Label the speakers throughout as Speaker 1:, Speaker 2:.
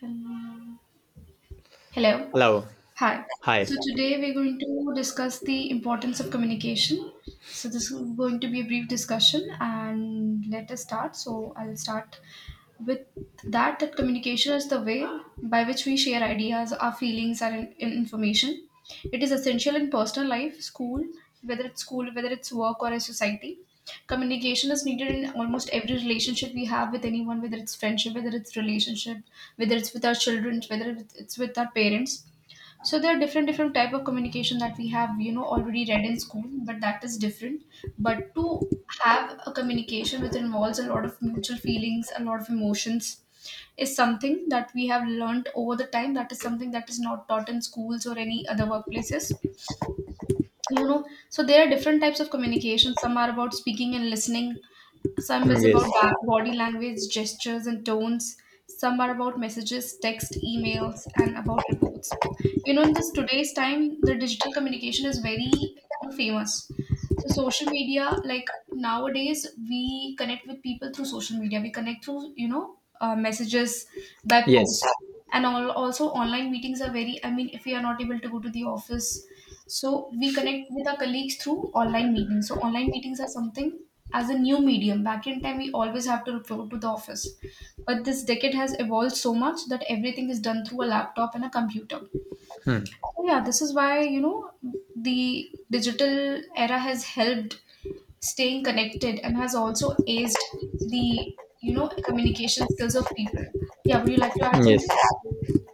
Speaker 1: Hello. Hello.
Speaker 2: Hello.
Speaker 1: Hi.
Speaker 2: Hi.
Speaker 1: So today we're going to discuss the importance of communication. So this is going to be a brief discussion and let us start. So I'll start with that, that communication is the way by which we share ideas, our feelings, and information. It is essential in personal life, school, whether it's work or a society. Communication is needed in almost every relationship we have with anyone, whether it's friendship, whether it's relationship, whether it's with our children, whether it's with our parents. So there are different type of communication that we have already read in school, but that is different. But to have a communication which involves a lot of mutual feelings, a lot of emotions, is something that we have learned over the time. That is something that is not taught in schools or any other workplaces. you know so there are different types of communication. Some are about speaking and listening, some is about
Speaker 2: Yes.
Speaker 1: body language, gestures, and tones. Some are about messages, text, emails, and about reports. In this today's time, the digital communication is very famous. So social media, like nowadays, we connect with people through social media. We connect through messages by post,
Speaker 2: Yes.
Speaker 1: and all also online meetings are very. I mean, if we are not able to go to the office, so we connect with our colleagues through online meetings. So online meetings are something as a new medium. Back in time, we always have to report to the office. But this decade has evolved so much that everything is done through a laptop and a computer.
Speaker 2: Hmm.
Speaker 1: So yeah, this is why, the digital era has helped staying connected and has also aced the, communication skills of people. Yeah, would you like to add something?
Speaker 2: Yes.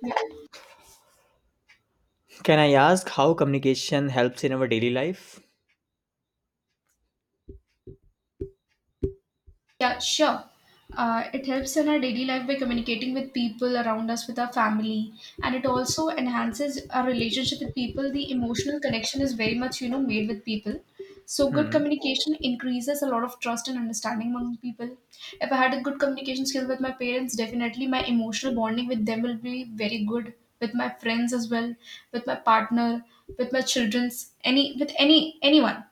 Speaker 1: Yeah.
Speaker 2: Can I ask how communication helps in our daily life?
Speaker 1: Yeah, sure. It helps in our daily life by communicating with people around us, with our family, and it also enhances our relationship with people. The emotional connection is very much, made with people. So, good
Speaker 2: Hmm.
Speaker 1: communication increases a lot of trust and understanding among people. If I had a good communication skill with my parents, definitely my emotional bonding with them will be very good. With my friends as well, with my partner, with my childrens, any with any anyone.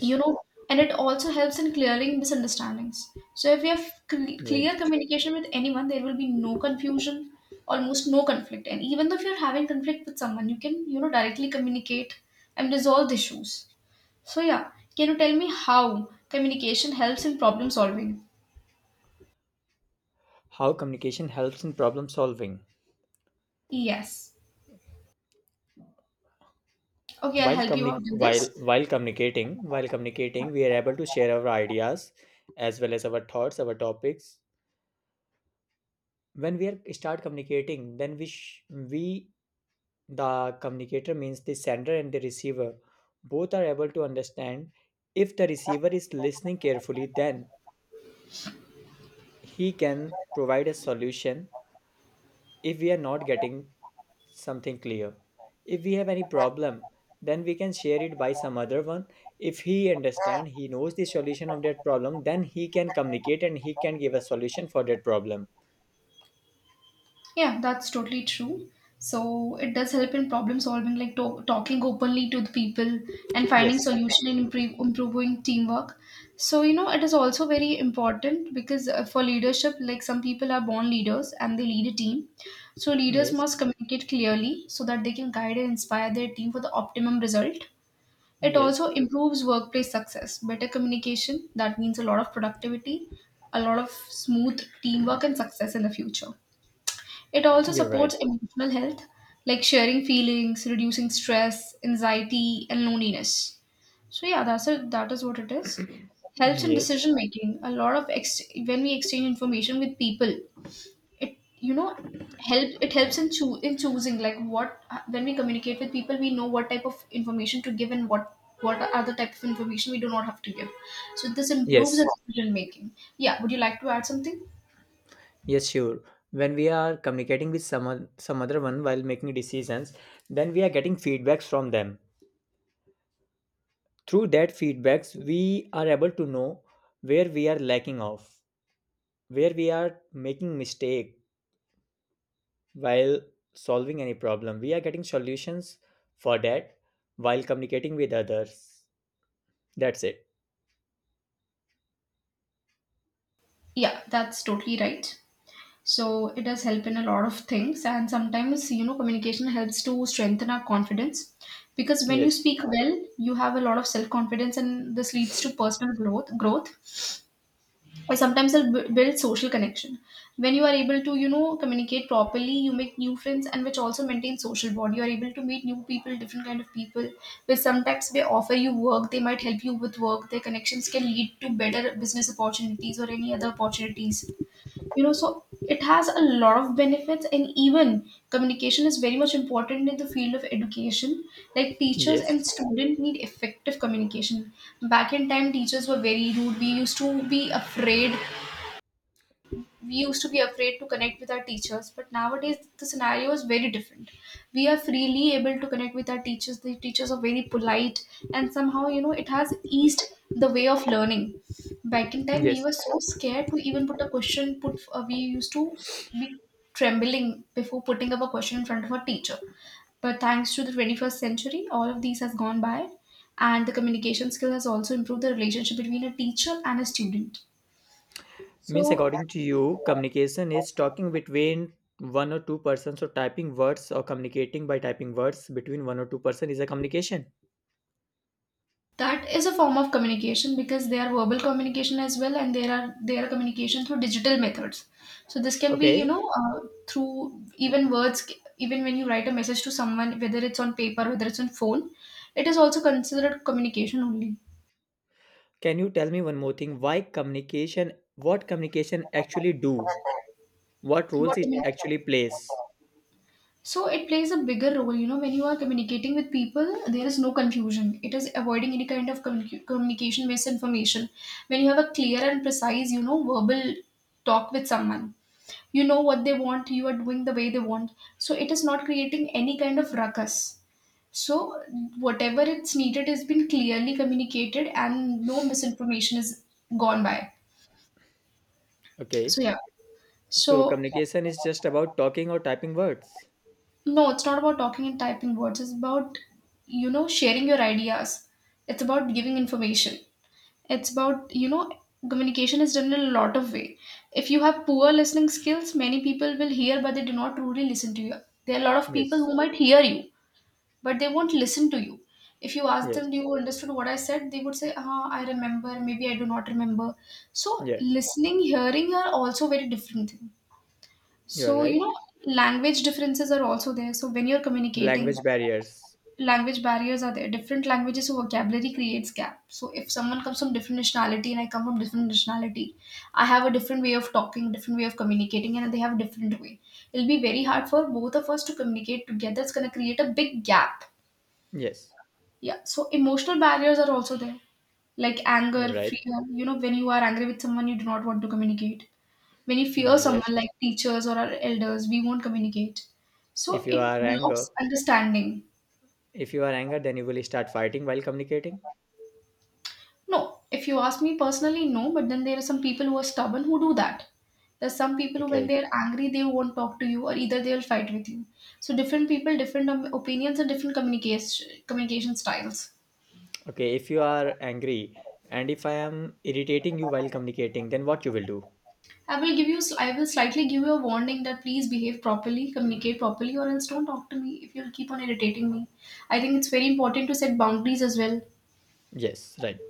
Speaker 1: you know and it also helps in clearing misunderstandings. So if you have clear
Speaker 2: Right.
Speaker 1: communication with anyone, there will be no confusion, almost no conflict. And even though if you're having conflict with someone, you can, directly communicate and resolve the issues. So yeah, can you tell me how communication helps in problem solving?
Speaker 2: How communication helps in problem solving?
Speaker 1: Yes. Okay, I'll
Speaker 2: While
Speaker 1: help you
Speaker 2: communi-
Speaker 1: out with this.
Speaker 2: while communicating, we are able to share our ideas as well as our thoughts, our topics. When we are start communicating, then we the communicator means the sender and the receiver both are able to understand. If the receiver is listening carefully, then he can provide a solution. If we are not getting something clear, if we have any problem, then we can share it by some other one. If he understand, he knows the solution of that problem, then he can communicate and he can give a solution for that problem.
Speaker 1: Yeah, that's totally true. So it does help in problem solving, like talking openly to the people and finding
Speaker 2: Yes.
Speaker 1: solution and improving teamwork. So it is also very important because for leadership, like some people are born leaders and they lead a team. So leaders
Speaker 2: Yes.
Speaker 1: must communicate clearly so that they can guide and inspire their team for the optimum result. It
Speaker 2: Yes,
Speaker 1: also improves workplace success. Better communication that means a lot of productivity, a lot of smooth teamwork and success in the future. It also
Speaker 2: you're right.
Speaker 1: supports emotional health, like sharing feelings, reducing stress, anxiety, and loneliness. So yeah, that's it. That is what it is. Helps in
Speaker 2: Yes.
Speaker 1: decision making. A lot of ex- when we exchange information with people, it you know it helps in choosing, like what when we communicate with people, we know what type of information to give and what are the type of information we do not have to give. So this improves our
Speaker 2: Yes,
Speaker 1: decision making. Yeah, would you like to add something?
Speaker 2: yes, sure. When we are communicating with someone, some other one, while making decisions, then we are getting feedbacks from them. Through that feedbacks we are able to know where we are lacking off, where we are making mistake. While solving any problem, we are getting solutions for that, while communicating with others. That's it.
Speaker 1: Yeah, that's totally right. So it does help in a lot of things, and sometimes communication helps to strengthen our confidence, because when you
Speaker 2: Yes.
Speaker 1: speak well, you have a lot of self confidence, and this leads to personal growth, or sometimes it builds social connection. When you are able to communicate properly, you make new friends, and which also maintain social bond. You are able to meet new people, different kind of people. Which sometimes they offer you work, they might help you with work. Their connections can lead to better business opportunities or any other opportunities. So it has a lot of benefits, and even communication is very much important in the field of education, like teachers and
Speaker 2: Yes.
Speaker 1: students need effective communication. Back in time teachers were very rude. We used to be afraid, we used to be afraid to connect with our teachers, but nowadays the scenario is very different. We are freely able to connect with our teachers. The teachers are very polite, and somehow, it has eased the way of learning. Back in time we
Speaker 2: Yes,
Speaker 1: were so scared to even put a question, put we used to be trembling before putting up a question in front of a teacher. But thanks to the 21st century, all of these has gone by, and the communication skill has also improved the relationship between a teacher and a student.
Speaker 2: means
Speaker 1: So
Speaker 2: according to you communication is talking between one or two persons, or typing words, or communicating by typing words between one or two person is a communication?
Speaker 1: that is a form of communication, because they are verbal communication as well, and there are they are communication through digital methods. So this can be
Speaker 2: Okay.
Speaker 1: through even words, even when you write a message to someone, whether it's on paper, whether it's on phone, it is also considered communication only.
Speaker 2: Can you tell me one more thing, why communication, what communication actually do, what roles
Speaker 1: What do you
Speaker 2: it
Speaker 1: mean?
Speaker 2: actually plays?
Speaker 1: So it plays a bigger role, when you are communicating with people, there is no confusion. It is avoiding any kind of communication misinformation. When you have a clear and precise, verbal talk with someone, you know what they want, you are doing the way they want. So it is not creating any kind of ruckus. So whatever it's needed has been clearly communicated and no misinformation is gone by.
Speaker 2: Okay.
Speaker 1: So yeah.
Speaker 2: So
Speaker 1: So
Speaker 2: communication is just about talking or typing words?
Speaker 1: no, it's not about talking and typing words. It's about, sharing your ideas. It's about giving information. It's about, communication is done in a lot of way. If you have poor listening skills, many people will hear, but they do not truly listen to you. There are a lot of people
Speaker 2: Yes.
Speaker 1: who might hear you, but they won't listen to you. If you ask them, do
Speaker 2: Yes.
Speaker 1: you understood what I said? They would say, ah, I remember. Maybe I do not remember. So
Speaker 2: Yeah.
Speaker 1: listening, hearing are also very different things.
Speaker 2: You are
Speaker 1: So,
Speaker 2: right.
Speaker 1: language differences are also there. So when you're communicating,
Speaker 2: Language barriers.
Speaker 1: language barriers are there. Different languages, so vocabulary creates gap. So if someone comes from different nationality and I come from different nationality, I have a different way of talking, different way of communicating, and they have a different way. It'll be very hard for both of us to communicate together. It's gonna create a big gap.
Speaker 2: Yes.
Speaker 1: Yeah. So emotional barriers are also there. Like anger, fear.
Speaker 2: Right.
Speaker 1: You know, when you are angry with someone, you do not want to communicate. When you fear someone
Speaker 2: Yes.
Speaker 1: like teachers or our elders, we won't communicate. So
Speaker 2: If you
Speaker 1: it
Speaker 2: are anger,
Speaker 1: blocks understanding.
Speaker 2: if you are anger, then you will start fighting while communicating.
Speaker 1: No, if you ask me personally, no, but then there are some people who are stubborn who do that. There's some people who, when
Speaker 2: Okay.
Speaker 1: they're angry, they won't talk to you, or either they'll fight with you. So different people, different opinions, and different communication styles.
Speaker 2: Okay. If you are angry and if I am irritating you while communicating, then what you will do?
Speaker 1: I will slightly give you a warning that please behave properly, communicate properly, or else don't talk to me if you'll keep on irritating me. I think it's very important to set boundaries as well.
Speaker 2: Yes. Right.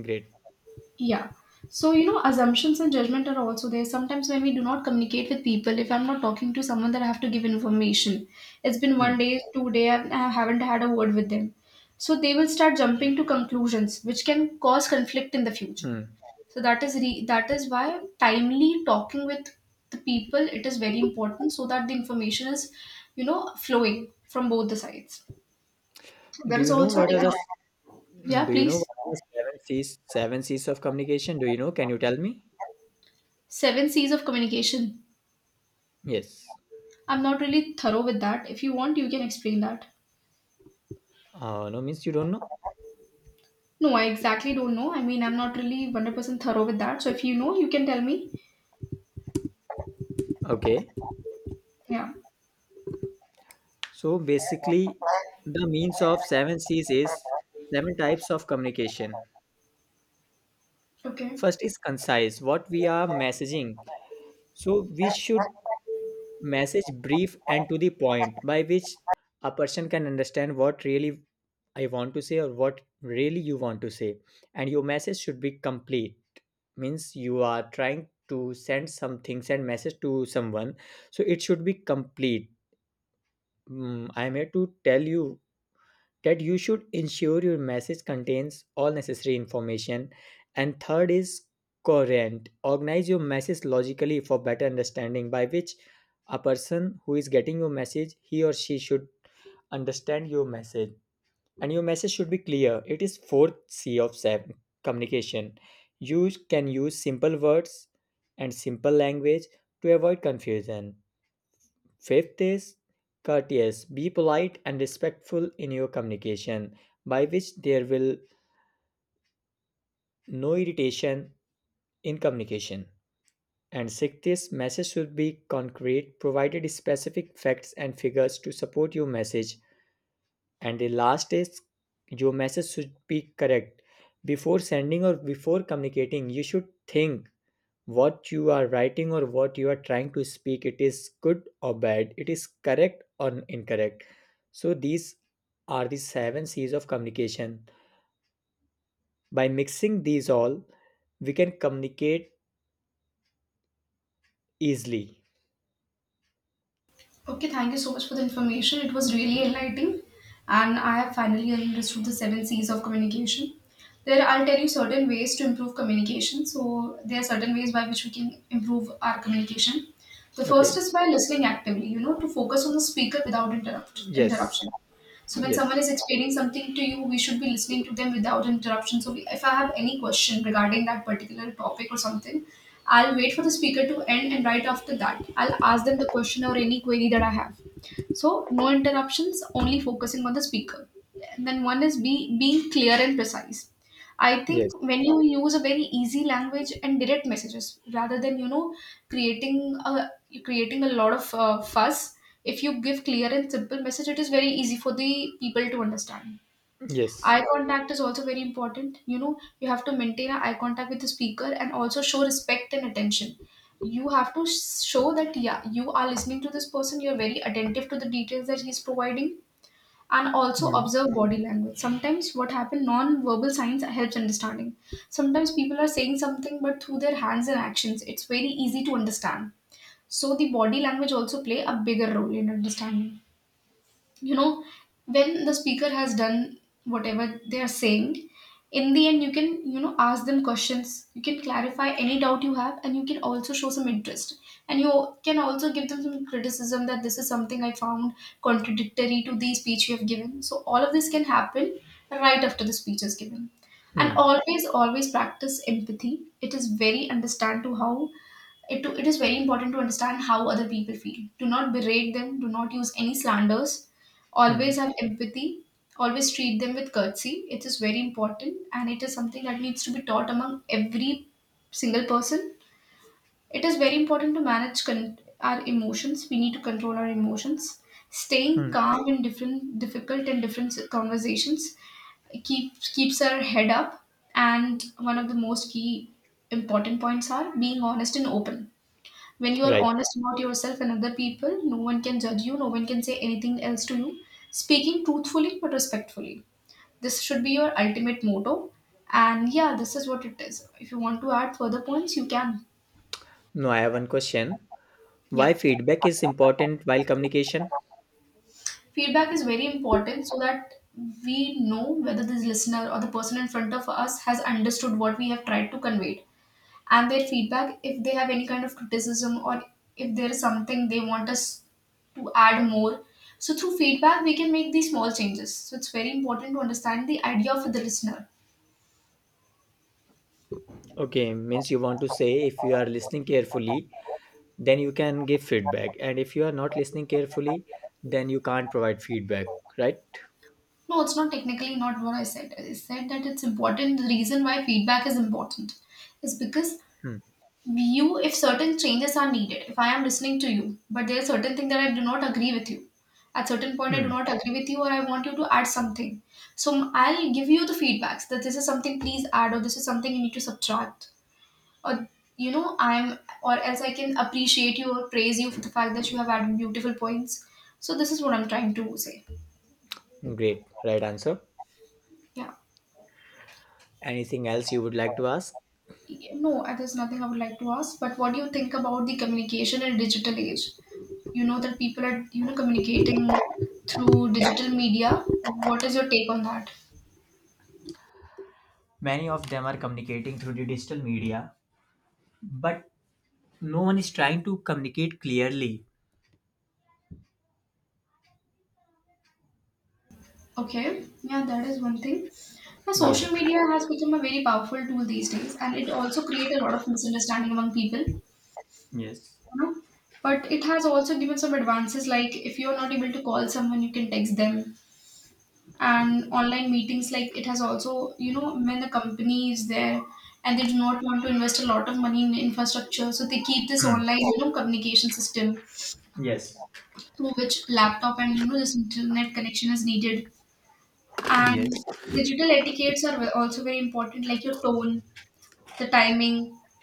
Speaker 2: Great.
Speaker 1: Yeah. So, assumptions and judgment are also there. Sometimes when we do not communicate with people, if I'm not talking to someone that I have to give information, it's been one
Speaker 2: Hmm.
Speaker 1: day, two day, and I haven't had a word with them. So they will start jumping to conclusions, which can cause conflict in the future.
Speaker 2: Hmm.
Speaker 1: So that is why timely talking with the people it is very important, so that the information is, flowing from both the sides. There
Speaker 2: Do
Speaker 1: is
Speaker 2: you know
Speaker 1: also
Speaker 2: what are the
Speaker 1: technology. Yeah,
Speaker 2: Do you know
Speaker 1: please.
Speaker 2: what are the seven C's of communication? Do you know? Can you tell me?
Speaker 1: Seven C's of communication.
Speaker 2: Yes.
Speaker 1: I'm not really thorough with that. If you want, you can explain that.
Speaker 2: No, means you don't know.
Speaker 1: No, I exactly don't know. I mean, I'm not really 100% thorough with that. So if you know, you can tell me.
Speaker 2: Okay.
Speaker 1: Yeah.
Speaker 2: So basically, the means of seven C's is seven types of communication.
Speaker 1: Okay.
Speaker 2: First is concise. What we are messaging. So we should message brief and to the point, by which a person can understand what really I want to say or what really you want to say, and your message should be complete, means you are trying to send some things and message to someone, so it should be complete. I am here to tell you that you should ensure your message contains all necessary information. And third is coherent, organize your message logically for better understanding, by which a person who is getting your message, he or she should understand your message. And your message should be clear. It is fourth C of communication. You can use simple words and simple language to avoid confusion. Fifth is courteous, be polite and respectful in your communication, by which there will no irritation in communication. And sixth is message should be concrete, provided specific facts and figures to support your message. And the last is your message should be correct. Before sending or before communicating, you should think what you are writing or what you are trying to speak, it is good or bad, it is correct or incorrect. So these are the seven C's of communication. By mixing these all, we can communicate easily.
Speaker 1: Okay, thank you so much for the information. It was really enlightening. And I have finally understood the seven C's of communication. There, I'll tell you certain ways to improve communication. So there are certain ways by which we can improve our communication. The first
Speaker 2: Okay.
Speaker 1: is by listening actively, to focus on the speaker without
Speaker 2: Yes.
Speaker 1: interruption. So when
Speaker 2: Yes.
Speaker 1: someone is explaining something to you, we should be listening to them without interruption. So we, if I have any question regarding that particular topic or something, I'll wait for the speaker to end, and right after that, I'll ask them the question or any query that I have. So no interruptions, only focusing on the speaker. And then one is be being clear and precise. I think
Speaker 2: Yes.
Speaker 1: when you use a very easy language and direct messages rather than creating a creating a lot of fuss, if you give clear and simple message, it is very easy for the people to understand.
Speaker 2: Yes.
Speaker 1: Eye contact is also very important. You know, you have to maintain an eye contact with the speaker and also show respect and attention. You have to show that, yeah, you are listening to this person, you're very attentive to the details that he's providing, and also
Speaker 2: Hmm.
Speaker 1: observe body language. Sometimes what happens, non verbal signs helps understanding. Sometimes people are saying something, but through their hands and actions, it's very easy to understand. So the body language also play a bigger role in understanding you know when the speaker has done whatever they are saying, in the end you can, ask them questions, you can clarify any doubt you have, and you can also show some interest, and you can also give them some criticism that this is something I found contradictory to the speech you have given. So all of this can happen right after the speech is given. And
Speaker 2: Hmm.
Speaker 1: always, always practice empathy. It is very important to understand how other people feel. Do not berate them, do not use any slanders.
Speaker 2: Hmm.
Speaker 1: Always have empathy, always treat them with courtesy. It is very important and it is something that needs to be taught among every single person. It is very important to manage our emotions. We need to control our emotions. Staying
Speaker 2: Hmm.
Speaker 1: calm in different difficult and different conversations keeps our head up. And one of the most key important points are being honest and open. When you are
Speaker 2: Right.
Speaker 1: honest about yourself and other people, no one can judge you, no one can say anything else to you. Speaking truthfully but respectfully. This should be your ultimate motto. And yeah, this is what it is. If you want to add further points, you can.
Speaker 2: Now I have one question. Why
Speaker 1: Yeah.
Speaker 2: feedback is important while communication?
Speaker 1: Feedback is very important so that we know whether this listener or the person in front of us has understood what we have tried to convey. And their feedback, if they have any kind of criticism, or if there is something they want us to add more. So through feedback we can make these small changes. So it's very important to understand the idea for the listener.
Speaker 2: Okay, means you want to say if you are listening carefully, then you can give feedback. And if you are not listening carefully, then you can't provide feedback, right?
Speaker 1: No, it's not technically not what I said. I said that it's important. The reason why feedback is important is because,
Speaker 2: Hmm.
Speaker 1: view if certain changes are needed. If I am listening to you but there are certain things that I do not agree with you, at certain point I do
Speaker 2: Hmm.
Speaker 1: not agree with you or I want you to add something, so I'll give you the feedbacks that this is something please add, or this is something you need to subtract, or, I'm, or else I can appreciate you or praise you for the fact that you have added beautiful points. So this is what I'm trying to say.
Speaker 2: Great. Right answer.
Speaker 1: Yeah.
Speaker 2: Anything else you would like to ask?
Speaker 1: No, there's nothing I would like to ask, but what do you think about the communication in digital age? You know that people are, communicating through digital media. What is your take on that?
Speaker 2: Many of them are communicating through the digital media, but no one is trying to communicate clearly.
Speaker 1: Okay, yeah, that is one thing. Now,
Speaker 2: Yes.
Speaker 1: social media has become a very powerful tool these days and it also creates a lot of misunderstanding among people,
Speaker 2: Yes.
Speaker 1: know but it has also given some advances, like if you're not able to call someone you can text them, and online meetings, like it has also, when the company is there and they do not want to invest a lot of money in infrastructure, so they keep this
Speaker 2: Hmm.
Speaker 1: online, communication system
Speaker 2: Yes.
Speaker 1: through which laptop and, this internet connection is needed.
Speaker 2: Yes.
Speaker 1: And digital etiquettes are also very important, like your tone, the timing,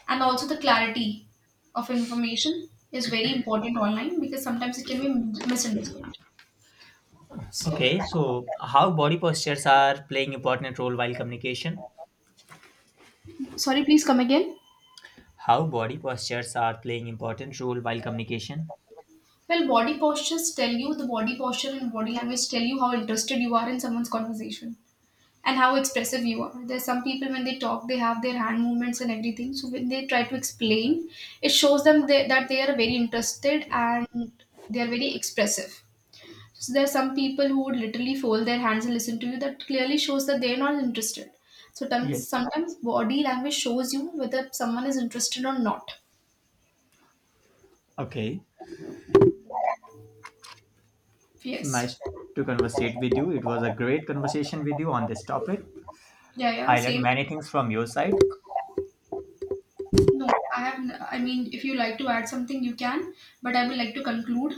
Speaker 1: and also the clarity of information is very important online because sometimes it can be misunderstood. So,
Speaker 2: Okay, so how body postures are playing important role while communication?
Speaker 1: sorry, please come again.
Speaker 2: How body postures are playing important role while communication?
Speaker 1: Well, body postures tell you, the body posture and body language tell you how interested you are in someone's conversation and how expressive you are. There's some people when they talk, they have their hand movements and everything. So when they try to explain, it shows them they, that they are very interested and they are very expressive. So there are some people who would literally fold their hands and listen to you. That clearly shows that they are not interested. So
Speaker 2: Yes.
Speaker 1: sometimes body language shows you whether someone is interested or not.
Speaker 2: Okay. It's
Speaker 1: Yes.
Speaker 2: nice to conversate with you. It was a great conversation with you on this topic.
Speaker 1: Yeah, yeah.
Speaker 2: I learned
Speaker 1: Same.
Speaker 2: many things from your side.
Speaker 1: No, I mean, if you like to add something, you can. But I would like to conclude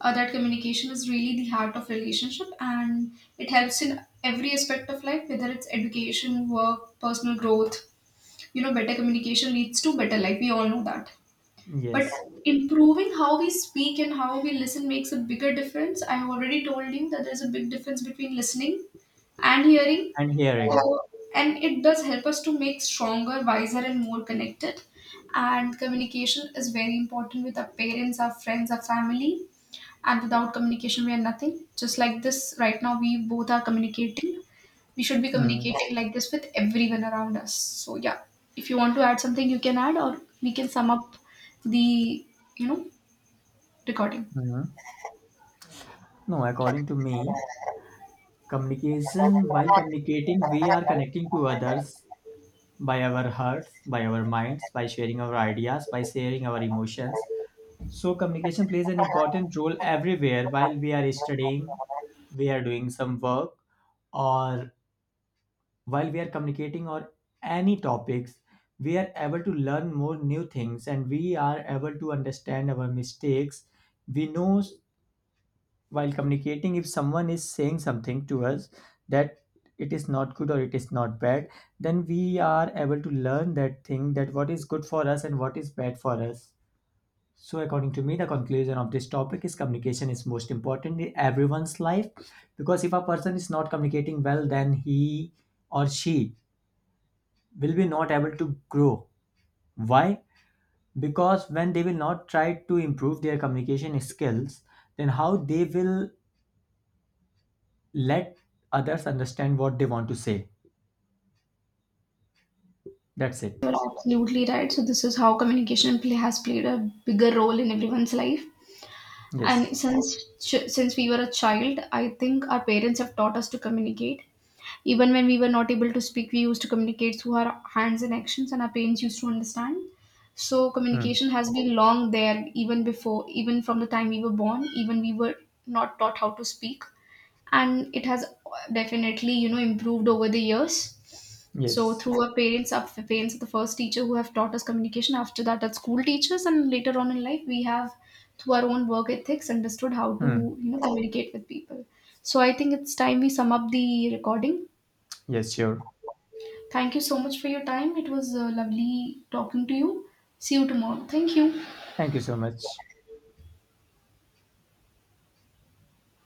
Speaker 1: that communication is really the heart of relationship, and it helps in every aspect of life, whether it's education, work, personal growth. You know, better communication leads to better life. We all know that, but
Speaker 2: Yes.
Speaker 1: improving how we speak and how we listen makes a bigger difference. I have already told you that there's a big difference between listening and hearing.
Speaker 2: And
Speaker 1: So,
Speaker 2: hearing.
Speaker 1: and it does help us to make stronger, wiser and more connected. And communication is very important with our parents, our friends, our family, and without communication we are nothing. Just like this right now, we both are communicating. We should be
Speaker 2: Mm,
Speaker 1: communicating like this with everyone around us. So yeah, if you want to add something you can add, or we can sum up the, you know recording.
Speaker 2: mm. No, according to me, communication, while communicating, we are connecting to others by our hearts, by our minds, by sharing our ideas, by sharing our emotions. So communication plays an important role everywhere, while we are studying, we are doing some work, or while we are communicating on any topics, we are able to learn more new things and we are able to understand our mistakes. We know s- while communicating, if someone is saying something to us that it is not good or it is not bad, then we are able to learn that thing, that what is good for us and what is bad for us. So, according to me, the conclusion of this topic is communication is most important in everyone's life, because if a person is not communicating well, then he or she will be not able to grow. Why? Because when they will not try to improve their communication skills, then how they will let others understand what they want to say. That's it.
Speaker 1: You're absolutely right. So this is how communication play has played a bigger role in everyone's life. And
Speaker 2: Yes.
Speaker 1: since we were a child, I think our parents have taught us to communicate. Even when we were not able to speak, we used to communicate through our hands and actions, and our parents used to understand. So
Speaker 2: Hmm.
Speaker 1: communication has been long there, even before, even from the time we were born, even we were not taught how to speak. And it has definitely, improved over the years. So
Speaker 2: Yes.
Speaker 1: through our parents, our parents are the first teacher who have taught us communication, after that our school teachers, and later on in life we have, through our own work ethics, understood how to,
Speaker 2: Hmm.
Speaker 1: communicate with people. So I think it's time we sum up the recording.
Speaker 2: Yes, sure.
Speaker 1: Thank you so much for your time. It was lovely talking to you. See you tomorrow. Thank you.
Speaker 2: Thank you so much.